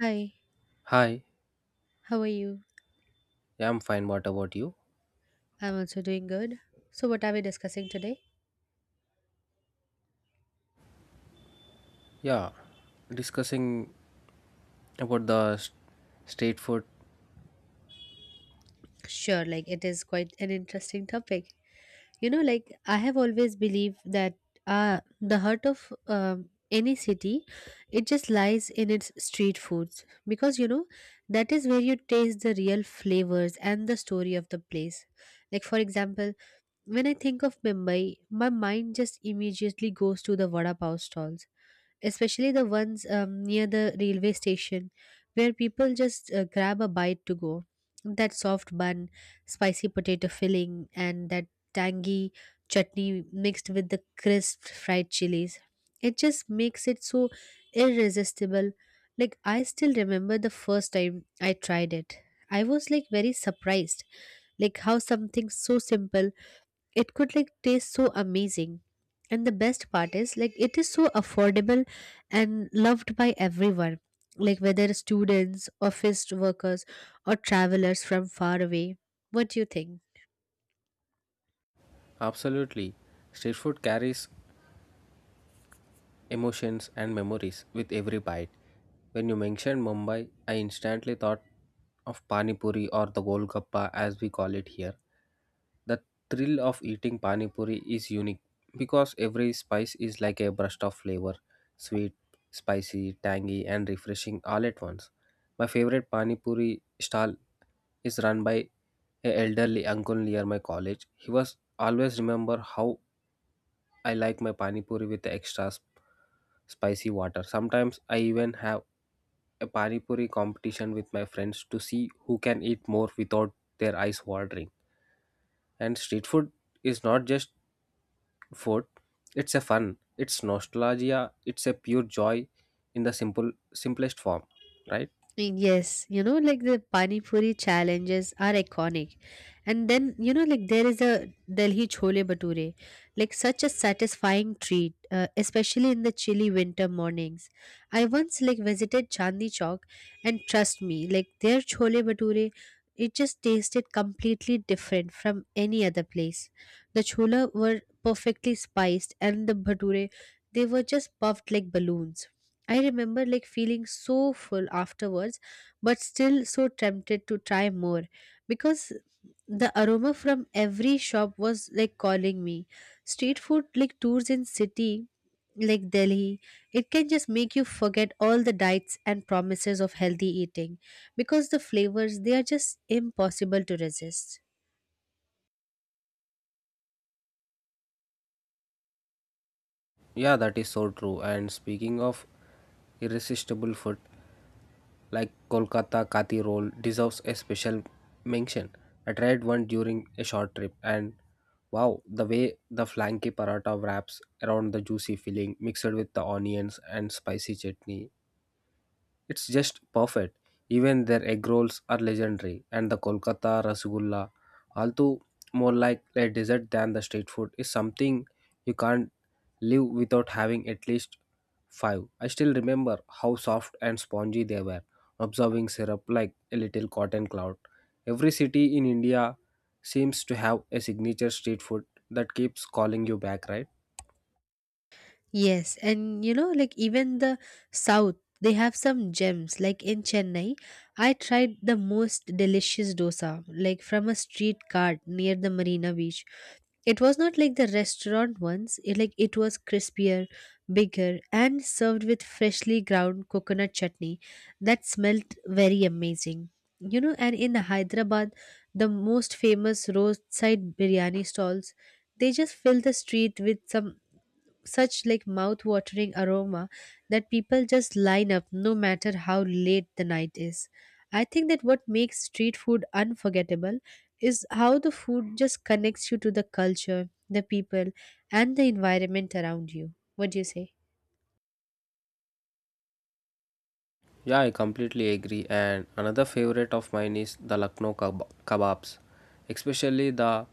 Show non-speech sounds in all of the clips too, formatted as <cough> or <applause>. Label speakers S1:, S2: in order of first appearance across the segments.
S1: Hi,
S2: Hi,
S1: how are you?
S2: yeah, I'm fine. What about you?
S1: I'm also doing good. So, what are we discussing today?
S2: Yeah, discussing about street food.
S1: Sure, like it is quite an interesting topic. You know, like I have always believed that the heart of any city, it just lies in its street foods because you know that is where you taste the real flavors and the story of the place. Like for example, when I think of Mumbai, my mind just immediately goes to the vada pav stalls especially the ones near the railway station where people just grab a bite to go. That soft bun, spicy potato filling, and that tangy chutney mixed with the crisp fried chilies. It just makes it so irresistible. Like, I still remember the first time I tried it. I was like very surprised, like how something so simple it could like taste so amazing and the best part is like it is so affordable and loved by everyone, like whether students, office workers, or travelers from far away. What do you think?
S2: Absolutely. Street food carries emotions and memories with every bite. When you mentioned Mumbai, I instantly thought of Pani Puri or the Golgappa as we call it here. The thrill of eating Pani Puri is unique because every spice is like a burst of flavor sweet, spicy, tangy, and refreshing all at once. My favorite Pani Puri stall is run by a elderly uncle near my college. He was always remember how I like my pani puri with the spicy water. Sometimes I even have a pani puri competition with my friends to see who can eat more without their eyes watering. And street food is not just food; it's a fun, it's nostalgia, it's a pure joy in the simplest form, right?
S1: Mm, yes, you know, like the Pani Puri challenges are iconic. And then, you know, like there is a Delhi Chole Bhature, like such a satisfying treat, especially in the chilly winter mornings. I once like visited Chandni Chowk and trust me, like their Chole Bhature, it just tasted completely different from any other place. The chola were perfectly spiced and the bhature, they were just puffed like balloons. I remember like feeling so full afterwards, but still so tempted to try more because the aroma from every shop was like calling me. Street food like tours in city like Delhi, it can just make you forget all the diets and promises of healthy eating because the flavors they are just impossible to resist.
S2: Yeah, that is so true. And speaking of irresistible food, like Kolkata Kathi roll deserves a special mention. I tried one during a short trip, and wow, the way the flanky paratha wraps around the juicy filling, mixed with the onions and spicy chutney, it's just perfect. Even their egg rolls are legendary, and the Kolkata Rasgulla, although more like a dessert than the street food, is something you can't live without having at least five. I still remember how soft and spongy they were, absorbing syrup like a little cotton cloud. Every city in India seems to have a signature street food that keeps calling you back, right?
S1: Yes, and you know, like even the south, they have some gems. Like in Chennai, I tried the most delicious dosa, like from a street cart near the Marina Beach. It was not like the restaurant ones, it, like it was crispier, bigger, and served with freshly ground coconut chutney that smelled very amazing. You know, and in Hyderabad, the most famous roadside biryani stalls, they just fill the street with some such like mouth-watering aroma that people just line up no matter how late the night is. I think that what makes street food unforgettable is how the food just connects you to the culture, the people, and the environment around you. What do you say?
S2: Yeah, I completely agree. And another favorite of mine is the kebabs, especially the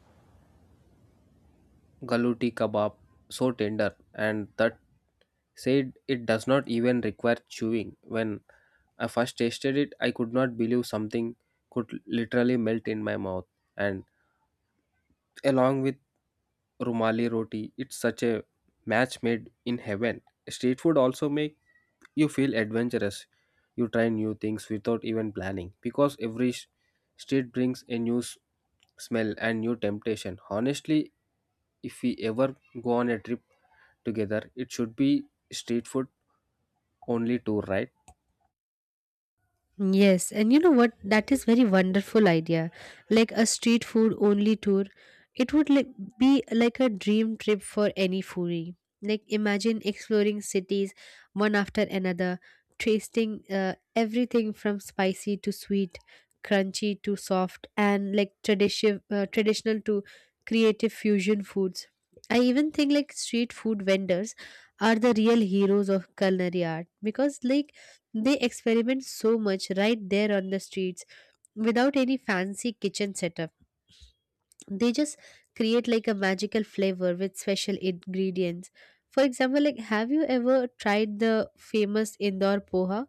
S2: galuti kebab, so tender and that said it does not even require chewing. When I first tasted it, I could not believe something could literally melt in my mouth. And along with rumali roti, it's such a match made in heaven. Street food also make You feel adventurous. You try new things without even planning because street brings a smell and new temptation. Honestly, if we ever go on a trip together, it should be street food only tour, right?
S1: Yes, and you know what? That is very wonderful idea. Like a street food only tour, it would like be like a dream trip for any foodie. Like imagine exploring cities one after another, tasting everything from spicy to sweet, crunchy to soft, and like traditional to creative fusion foods. I even think like street food vendors are the real heroes of culinary art because like they experiment so much right there on the streets without any fancy kitchen setup. They just create like a magical flavor with special ingredients. For example, like have you ever tried the famous Indore poha?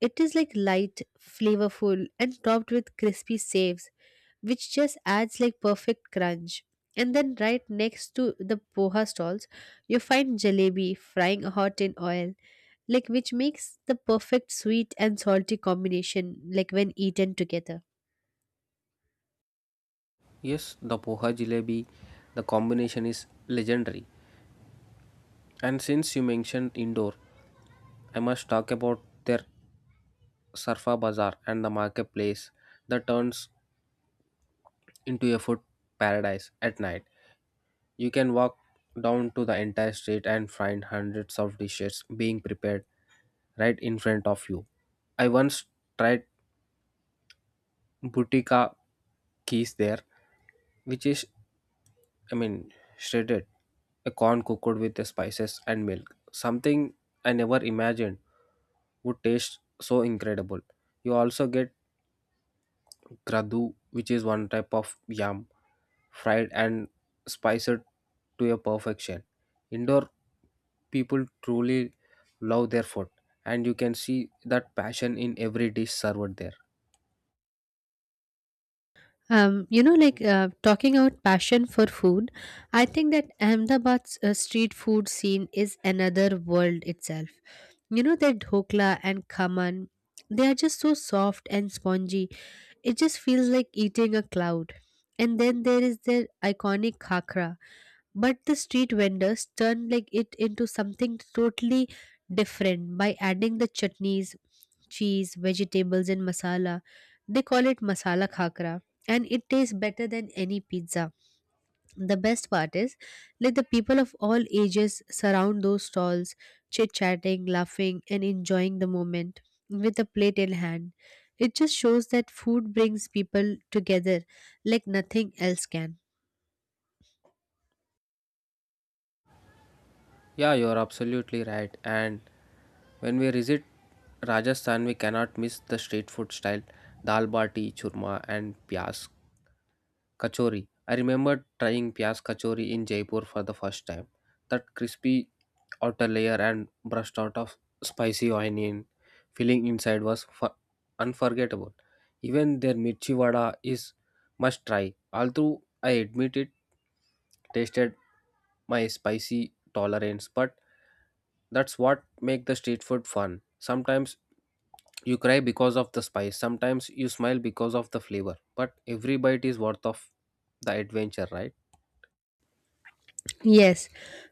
S1: It is like light, flavorful and topped with crispy saves which just adds like perfect crunch. And then right next to the poha stalls, you find jalebi frying hot in oil like which makes the perfect sweet and salty combination like when eaten together.
S2: Yes, the poha jalebi, the combination is legendary. And since you mentioned indoor, I must talk about their Sarfa Bazaar and the marketplace that turns into a food paradise at night. You can walk down to the entire street and find hundreds of dishes being prepared right in front of you. I once tried butica keys there, which is, I mean, shredded, a corn cooked with the spices and milk. Something I never imagined would taste so incredible. You also get Kradu, which is one type of yam, fried and spiced to a perfection. Indoor people truly love their food, and you can see that passion in every dish served there.
S1: Like talking about passion for food, I think that Ahmedabad's street food scene is another world itself. You know, their dhokla and khaman, they are just so soft and spongy. It just feels like eating a cloud. And then there is their iconic khakra. But the street vendors turn like it into something totally different by adding the chutneys, cheese, vegetables and masala. They call it masala khakra and it tastes better than any pizza. The best part is like the people of all ages surround those stalls, chit-chatting, laughing and enjoying the moment with a plate in hand. It just shows that food brings people together like nothing else can.
S2: Yeah, you're absolutely right. And when we visit Rajasthan, we cannot miss the street food style dal bati, churma, and pyas Kachori. I remember trying Pyaz Kachori in Jaipur for the first time. That crispy outer layer and brushed out of spicy onion filling inside was unforgettable. Even their mirchi vada is must try. Although I admit it tasted my spicy tolerance but that's what make the street food fun sometimes you cry because of the spice sometimes you smile because of the flavor but every bite is worth of the adventure right.
S1: Yes,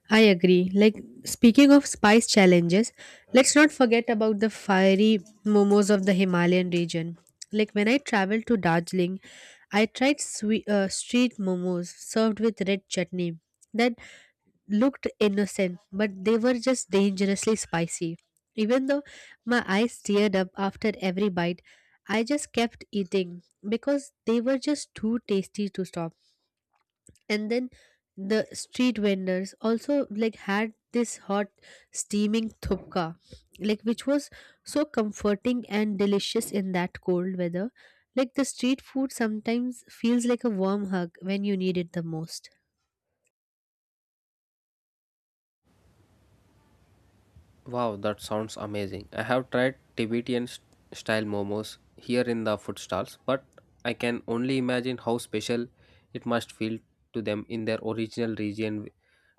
S1: I agree. Like speaking of spice challenges, let's not forget about the fiery momos of the Himalayan region. Like when I traveled to Darjeeling, I tried sweet, street momos served with red chutney that looked innocent, but they were just dangerously spicy. Even though my eyes teared up after every bite, I just kept eating because they were just too tasty to stop. And then the street vendors also like had this hot, steaming thupka, like which was so comforting and delicious in that cold weather. Like, the street food sometimes feels like a warm hug when you need it the most.
S2: Wow, that sounds amazing. I have tried style momos here in the food stalls but I can only imagine how special it must feel to them in their original region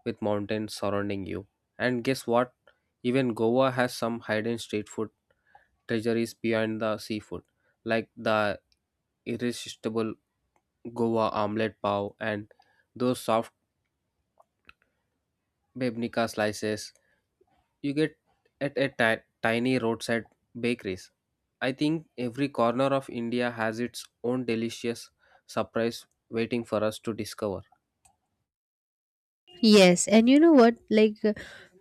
S2: with mountains surrounding you. And guess what? Even Goa has some hidden street food treasuries beyond the seafood, like the irresistible Goa omelette pav and those soft bebnica slices you get at a tiny roadside bakeries. I think every corner of India has its own delicious surprise waiting for us to discover.
S1: Yes, and you know what? Like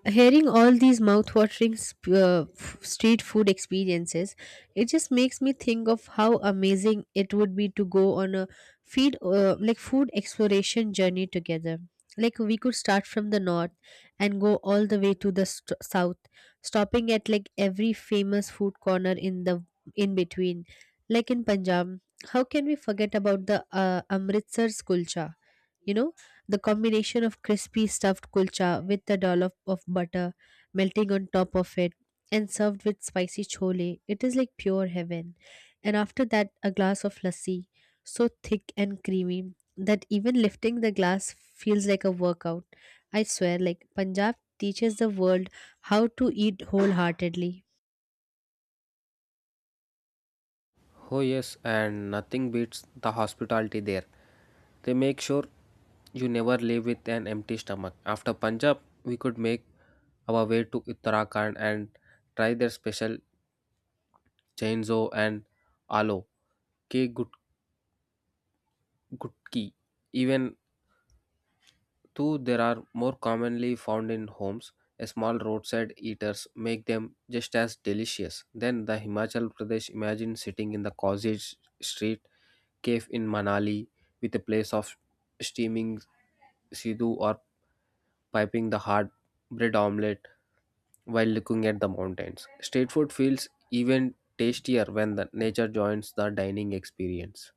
S1: hearing all these mouth-watering street food experiences, it just makes me think of how amazing it would be to go on a feed like food exploration journey together. Like we could start from the north and go all the way to the south, stopping at like every famous food corner in between. Like in Punjab, how can we forget about the Amritsar's kulcha? You know, the combination of crispy stuffed kulcha with the dollop of butter melting on top of it and served with spicy chole, it is like pure heaven. And after that, a glass of lassi, so thick and creamy that even lifting the glass feels like a workout. I swear, like Punjab teaches the world how to eat wholeheartedly.
S2: Oh yes, and nothing beats the hospitality there. They make sure you never leave with an empty stomach. After Punjab, we could make our way to Uttarakhand and try their special chainzo and alo ke gut- gutki. Even though there are more commonly found in homes, a small roadside eaters make them just as delicious. Then the Himachal Pradesh imagine sitting in the cottage street cave in Manali with a place of steaming sidhu or piping the hard bread omelette while looking at the mountains. Street food feels even tastier when the nature joins the dining experience.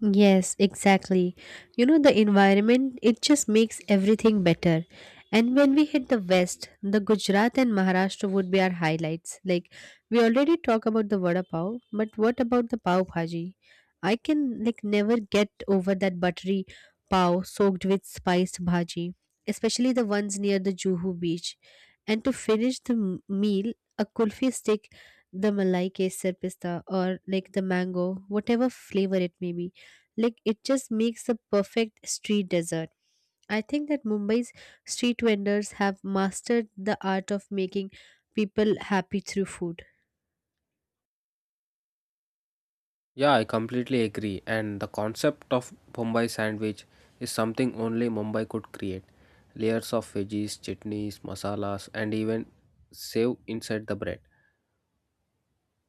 S1: Yes, exactly. You know, the environment, it just makes everything better. And when we hit the West, the Gujarat and Maharashtra would be our highlights. Like, we already talk about the vada pav, but what about the pav bhaji? I can, like, never get over that buttery pav soaked with spiced bhaji, especially the ones near the Juhu beach. And to finish the meal, a kulfi stick, the malai kesar pista, or like the mango, whatever flavor it may be, like it just makes the perfect street dessert. I think that Mumbai's street vendors have mastered the art of making people happy through food.
S2: Yeah, I completely agree. And the concept of Bombay sandwich is something only Mumbai could create. Layers of veggies, chutneys, masalas, and even save inside the bread.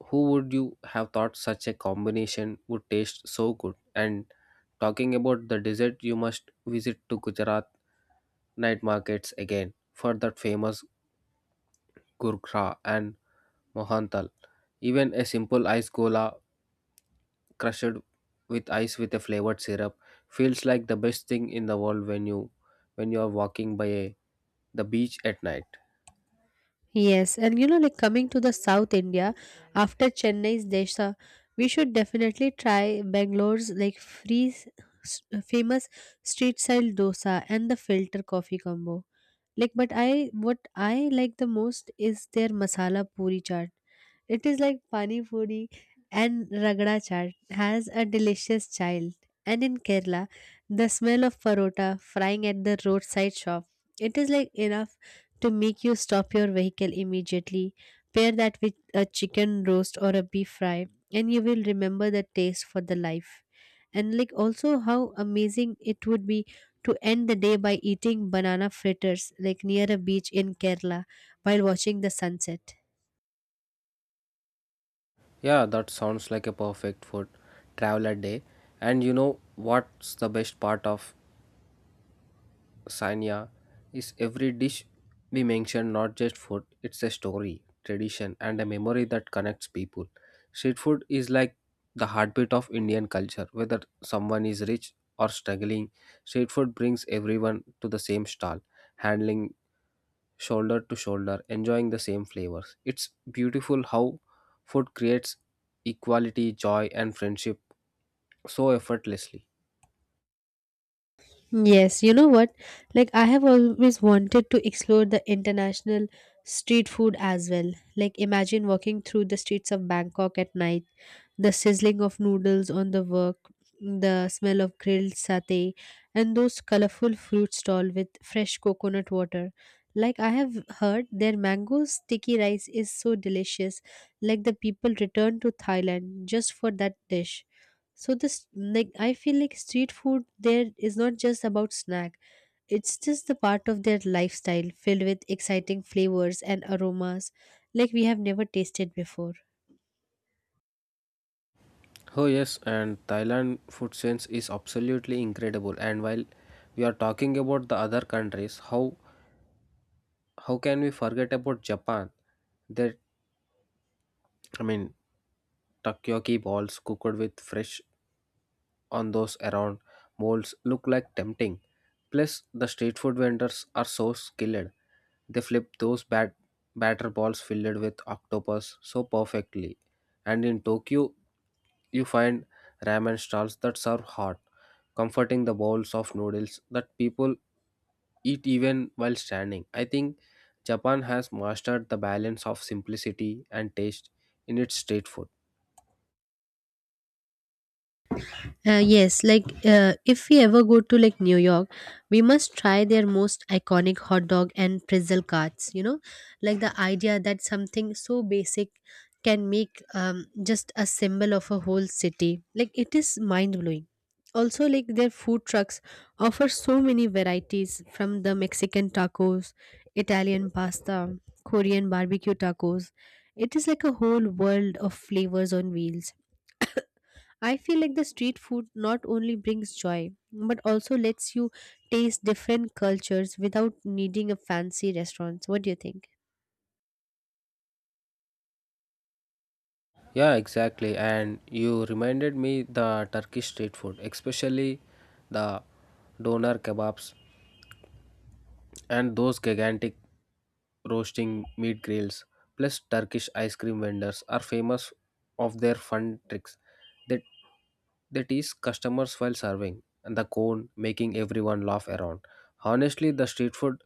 S2: Who would you have thought such a combination would taste so good? And talking about the dessert, you must visit to Gujarat night markets again for that famous gurkha and mohantal. Even a simple ice cola crushed with ice with a flavored syrup feels like the best thing in the world when you are walking by a, the beach at night.
S1: Yes, and you know, like coming to the South India, after Chennai's desha, we should definitely try Bangalore's like s- famous street style dosa and the filter coffee combo. Like but I what I like the most is their masala puri chaat. It is like pani puri and ragda chaat has a delicious child. And in Kerala, the smell of parota frying at the roadside shop, it is like enough to make you stop your vehicle immediately. Pair that with a chicken roast or a beef fry, and you will remember the taste for the life. And like also how amazing it would be to end the day by eating banana fritters like near a beach in Kerala while watching the sunset.
S2: Yeah, that sounds like a perfect food traveler day. And you know what's the best part of Sanya is every dish we mention not just food, it's a story, tradition, and a memory that connects people. Street food is like the heartbeat of Indian culture, whether someone is rich or struggling. Street food brings everyone to the same stall, handling shoulder to shoulder, enjoying the same flavors. It's beautiful how food creates equality, joy, and friendship so effortlessly.
S1: Yes, you know what? Like, I have always wanted to explore the international street food as well. Like, imagine walking through the streets of Bangkok at night, the sizzling of noodles on the wok, the smell of grilled satay, and those colorful fruit stall with fresh coconut water. Like I have heard, their mango sticky rice is so delicious. Like the people return to Thailand just for that dish. So this like I feel like street food there is not just about snack. It's just the part of their lifestyle filled with exciting flavors and aromas like we have never tasted before.
S2: Oh yes, and Thailand food sense is absolutely incredible. And while we are talking about the other countries, how can we forget about Japan? That I mean, takoyaki balls cooked with fresh on those around molds look like tempting. Plus, the street food vendors are so skilled. They flip those batter balls filled with octopus so perfectly. And in Tokyo, you find ramen stalls that serve hot, comforting the bowls of noodles that people eat even while standing. I think Japan has mastered the balance of simplicity and taste in its street food.
S1: Yes, like if we ever go to like New York, we must try their most iconic hot dog and pretzel carts. You know, like the idea that something so basic can make just a symbol of a whole city. Like it is mind blowing. Also, like their food trucks offer so many varieties from the Mexican tacos, Italian pasta, Korean barbecue tacos. It is like a whole world of flavors on wheels. I feel like the street food not only brings joy but also lets you taste different cultures without needing a fancy restaurant. What do you think?
S2: Yeah, exactly. And you reminded me the Turkish street food, especially the doner kebabs and those gigantic roasting, meat grills, plus Turkish ice cream vendors are famous of their fun tricks that they tease customers while serving and the cone making everyone laugh around. Honestly, the street food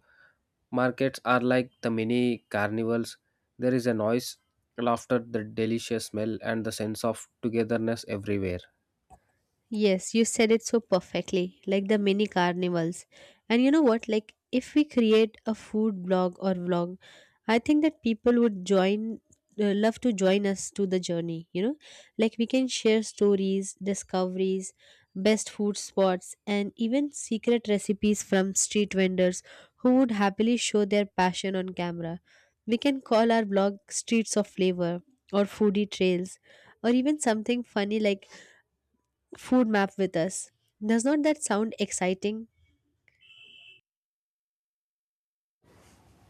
S2: markets are like the mini carnivals. There is a noise, laughter, the delicious smell, and the sense of togetherness everywhere.
S1: Yes, you said it so perfectly, like the mini carnivals. And you know what? Like, if we create a food blog or vlog, I think that people would love to join us to the journey, you know? Like, we can share stories, discoveries, best food spots, and even secret recipes from street vendors who would happily show their passion on camera. We can call our blog Streets of Flavor or Foodie Trails or even something funny like food map with us. Does not that sound exciting?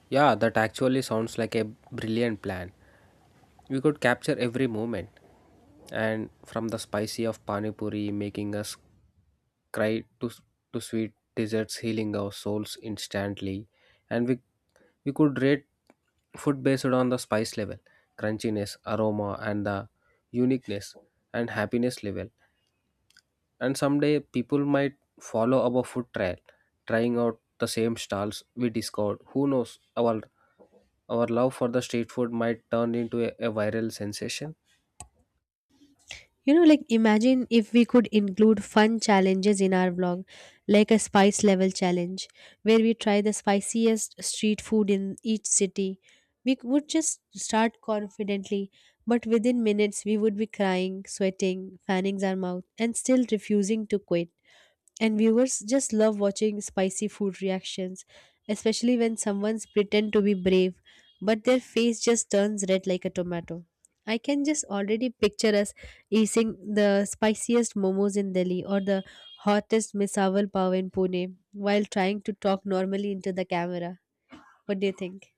S2: Yeah, that actually sounds like a brilliant plan. We could capture every moment, and from the spicy of pani puri making us cry to to sweet desserts healing our souls instantly, and we could rate food based on the spice level, crunchiness, aroma, and the uniqueness and happiness level and someday people might follow our food trail trying out the same stalls we discovered who knows our love for the street food might turn into a viral sensation.
S1: You know, like imagine if we could include fun challenges in our vlog, like a spice level challenge, where we try the spiciest street food in each city. We would just start confidently, but within minutes we would be crying, sweating, fanning our mouth, and still refusing to quit. And viewers just love watching spicy food reactions, especially when someone's pretend to be brave, but their face just turns red like a tomato. I can just already picture us eating the spiciest momos in Delhi or the hottest misawal pav in Pune while trying to talk normally into the camera. What do you think?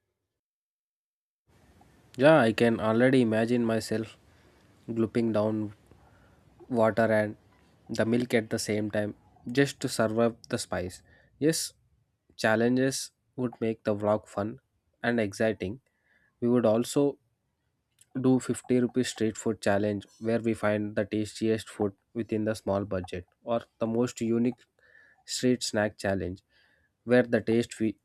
S2: Yeah, I can already imagine myself gulping down water and the milk at the same time just to survive the spice. Yes, challenges would make the vlog fun and exciting. We would also do 50 rupees street food challenge where we find the tastiest food within the small budget or the most unique street snack challenge where the taste we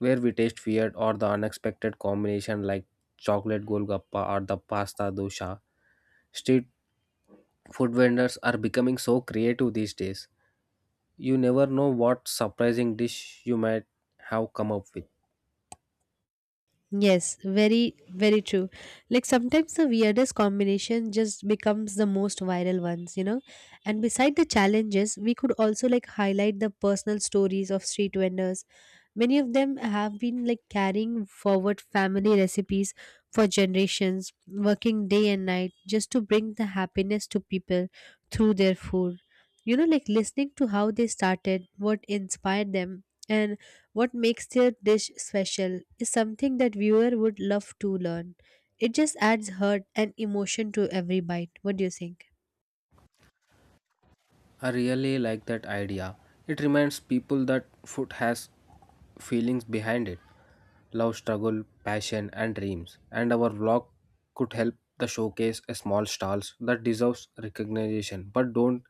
S2: where we taste weird or the unexpected combination like chocolate golgappa or the pasta dosha. Street food vendors are becoming so creative these days, you never know what surprising dish you might have come up with.
S1: Yes, very, very true. Like sometimes the weirdest combination just becomes the most viral ones, And beside the challenges, we could also like highlight the personal stories of street vendors. Many of them have been like carrying forward family recipes for generations, working day and night just to bring the happiness to people through their food. You know, like listening to how they started, what inspired them, and what makes their dish special is something that viewer would love to learn. It just adds heart and emotion to every bite. What do you think?
S2: I really like that idea. It reminds people that food has feelings behind it love, struggle, passion, and dreams. And our vlog could help the showcase a small stalls that deserves recognition but don't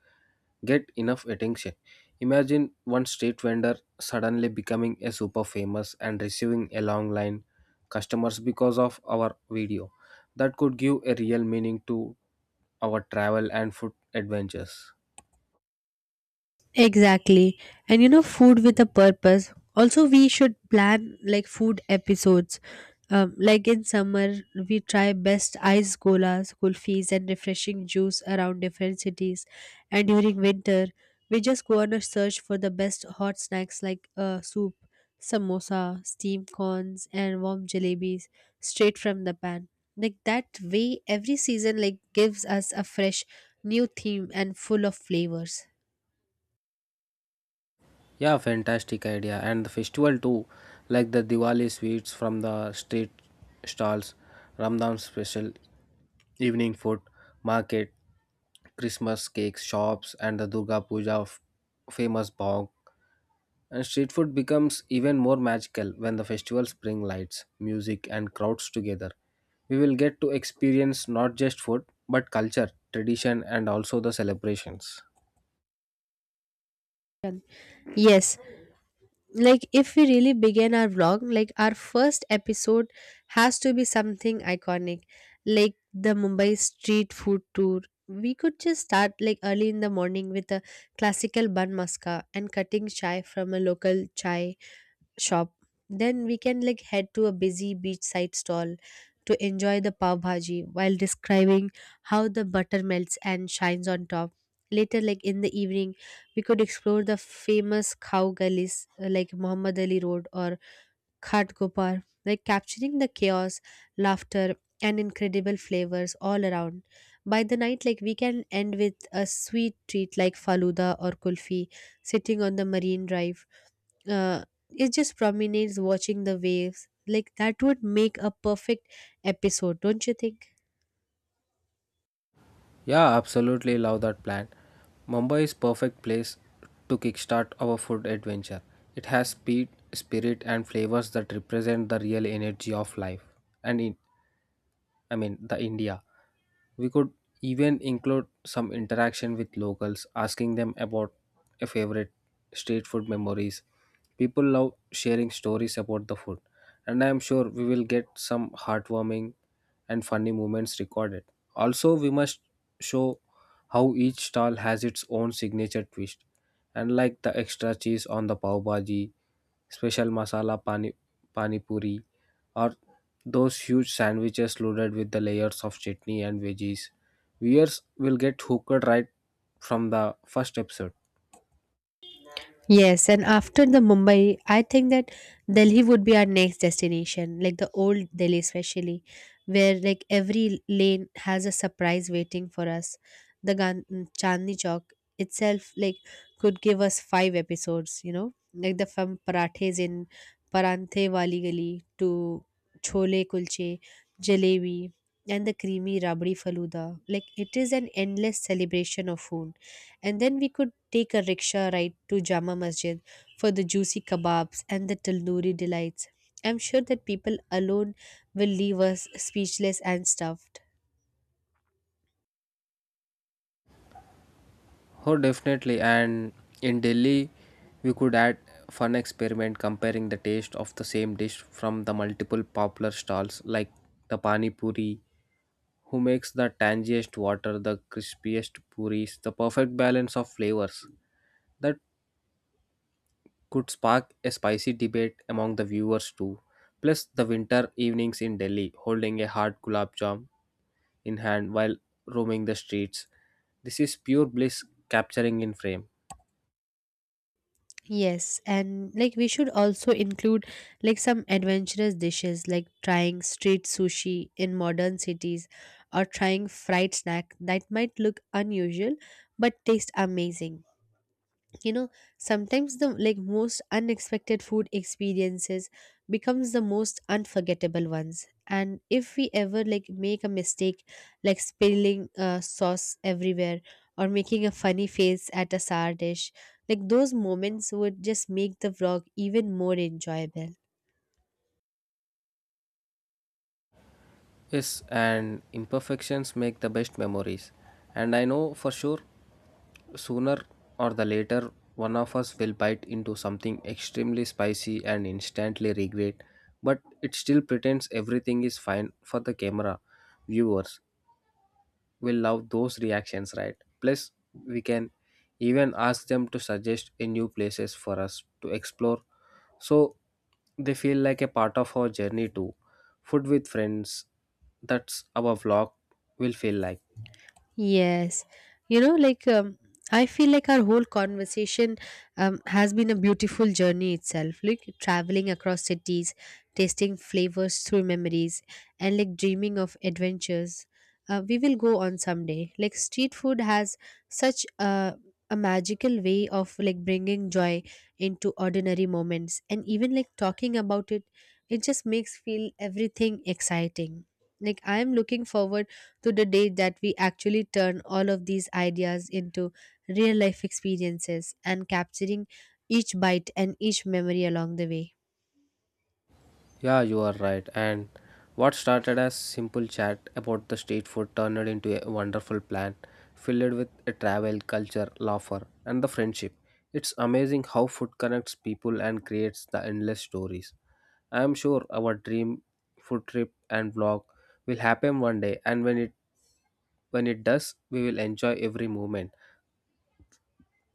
S2: get enough attention. Imagine one street vendor suddenly becoming a super famous and receiving a long line customers because of our video. That could give a real meaning to our travel and food adventures.
S1: Exactly. And you know, food with a purpose. Also, we should plan like food episodes. Like in summer, we try best ice golas, kulfis, and refreshing juice around different cities. And during winter, we just go on a search for the best hot snacks like soup, samosa, steamed corns, and warm jalebis straight from the pan. Like that way, every season like gives us a fresh new theme and full of flavors.
S2: Yeah, fantastic idea. And the festival too, like the Diwali sweets from the street stalls, Ramadan special, evening food, market, Christmas cakes shops, and the Durga Puja famous bog. And street food becomes even more magical when the festivals bring lights, music, and crowds together. We will get to experience not just food, but culture, tradition, and also the celebrations.
S1: Yes, like if we really begin our vlog, like our first episode has to be something iconic like the Mumbai street food tour. We could just start like early in the morning with a classical bun maska and cutting chai from a local chai shop. Then we can like head to a busy beachside stall to enjoy the pav bhaji while describing how the butter melts and shines on top. Later, like in the evening, we could explore the famous cow gullies, like Muhammad Ali Road or Khat Gopar, like capturing the chaos, laughter, and incredible flavors all around. By the night, like we can end with a sweet treat like faluda or kulfi sitting on the marine drive uh, it just promenades, watching the waves. Like that would make a perfect episode, don't you think?
S2: Yeah, absolutely love that plan. Mumbai is perfect place to kickstart our food adventure. It has speed, spirit and flavors that represent the real energy of life and in I mean, the India. We could even include some interaction with locals, asking them about a favorite street food memories. People love sharing stories about the food, and I am sure we will get some heartwarming and funny moments recorded. Also, we must show how each stall has its own signature twist, and like the extra cheese on the pav bhaji, special masala pani puri, or those huge sandwiches loaded with the layers of chutney and veggies. Viewers will get hooked right from the first episode.
S1: Yes, and after the Mumbai, I think that Delhi would be our next destination, like the old Delhi especially, where like every lane has a surprise waiting for us. The Gan- Chandni Chowk itself like could give us five episodes, you know, like the from parathes in Paranthe Wali Gali to Chole Kulche, Jalebi, and the creamy Rabdi Faluda. Like it is an endless celebration of food, and then we could take a rickshaw ride to Jama Masjid for the juicy kebabs and the tandoori delights. I'm sure that people alone will leave us speechless and stuffed.
S2: Oh, definitely. And in Delhi, we could add fun experiment comparing the taste of the same dish from the multiple popular stalls like the pani puri, who makes the tangiest water, the crispiest puris, the perfect balance of flavors. That could spark a spicy debate among the viewers too. Plus, the winter evenings in Delhi, holding a hot gulab jam in hand while roaming the streets. This is pure bliss capturing in frame.
S1: Yes, and like we should also include like some adventurous dishes like trying street sushi in modern cities or trying fried snack that might look unusual but taste amazing. You know, sometimes the like most unexpected food experiences becomes the most unforgettable ones, and if we ever like make a mistake, like spilling sauce everywhere or making a funny face at a sour dish, like those moments would just make the vlog even more enjoyable.
S2: Yes, and imperfections make the best memories. And I know for sure, sooner or the later, one of us will bite into something extremely spicy and instantly regret. But it still pretends everything is fine for the camera viewers will love those reactions, right? Plus, we can even ask them to suggest a new places for us to explore. So they feel like a part of our journey too. Food with friends, that's our vlog will feel like.
S1: Yes. You know, like, I feel like our whole conversation has been a beautiful journey itself. Like traveling across cities, tasting flavors through memories, and like dreaming of adventures. We will go on someday. Like street food has such a magical way of like bringing joy into ordinary moments, and even like talking about it, it just makes feel everything exciting. Like I am looking forward to the day that we actually turn all of these ideas into real life experiences and capturing each bite and each memory along the way.
S2: Yeah, you are right. And what started as simple chat about the street food turned into a wonderful plan filled with a travel, culture, laughter, and the friendship. It's amazing how food connects people and creates the endless stories. I am sure our dream food trip and vlog will happen one day, and when it does, we will enjoy every moment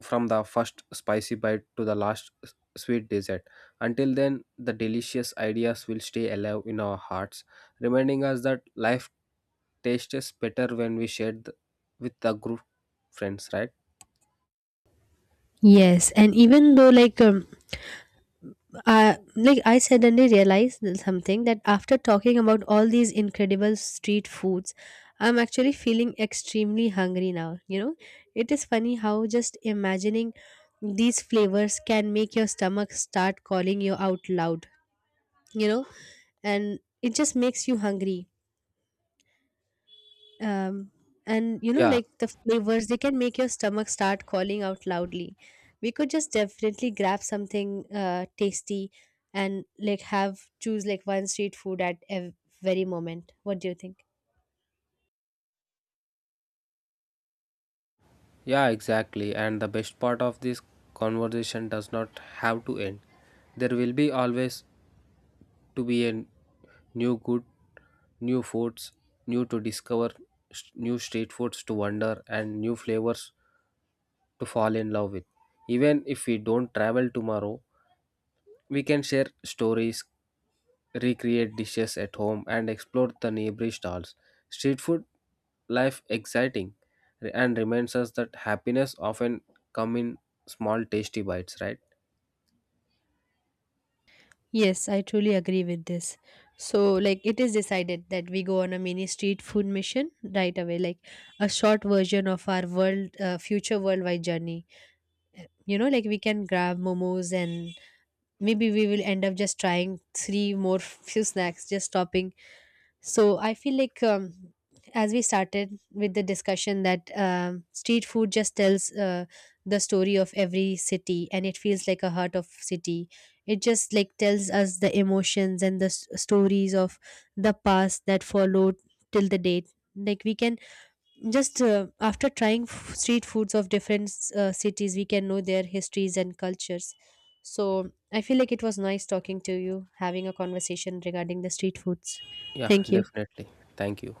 S2: from the first spicy bite to the last sweet dessert. Until then, the delicious ideas will stay alive in our hearts, reminding us that life tastes better when we share with the group friends, right?
S1: Yes, and even though like I suddenly realized that something that after talking about all these incredible street foods, I'm actually feeling extremely hungry now, you know. It is funny how just imagining these flavors can make your stomach start calling you out loud, you know, and it just makes you hungry. um, and you know,
S2: Yeah,
S1: like the flavors, they can make your stomach start calling out loudly. We could just definitely grab something tasty and like have choose like one street food at a very moment. What do you think?
S2: yeah, exactly. And the best part of this conversation does not have to end. There will be always to be a new good, new foods, new to discover, new street foods to wonder, and new flavors to fall in love with. Even if we don't travel tomorrow, we can share stories, recreate dishes at home, and explore the neighboring stalls. Street food life exciting and reminds us that happiness often come in small tasty bites, right?
S1: Yes, I truly agree with this. So, like, it is decided that we go on a mini street food mission right away, like a short version of our world, future worldwide journey. You know, like we can grab momos and maybe we will end up just trying three more <laughs> few snacks just stopping. So I feel like as we started with the discussion that street food just tells the story of every city, and it feels like a heart of city. It just like tells us the emotions and the stories of the past that followed till the date. Like we can just after trying street foods of different cities, we can know their histories and cultures. So I feel like it was nice talking to you, having a conversation regarding the street foods.
S2: Yeah,
S1: Thank you.
S2: definitely. Thank you.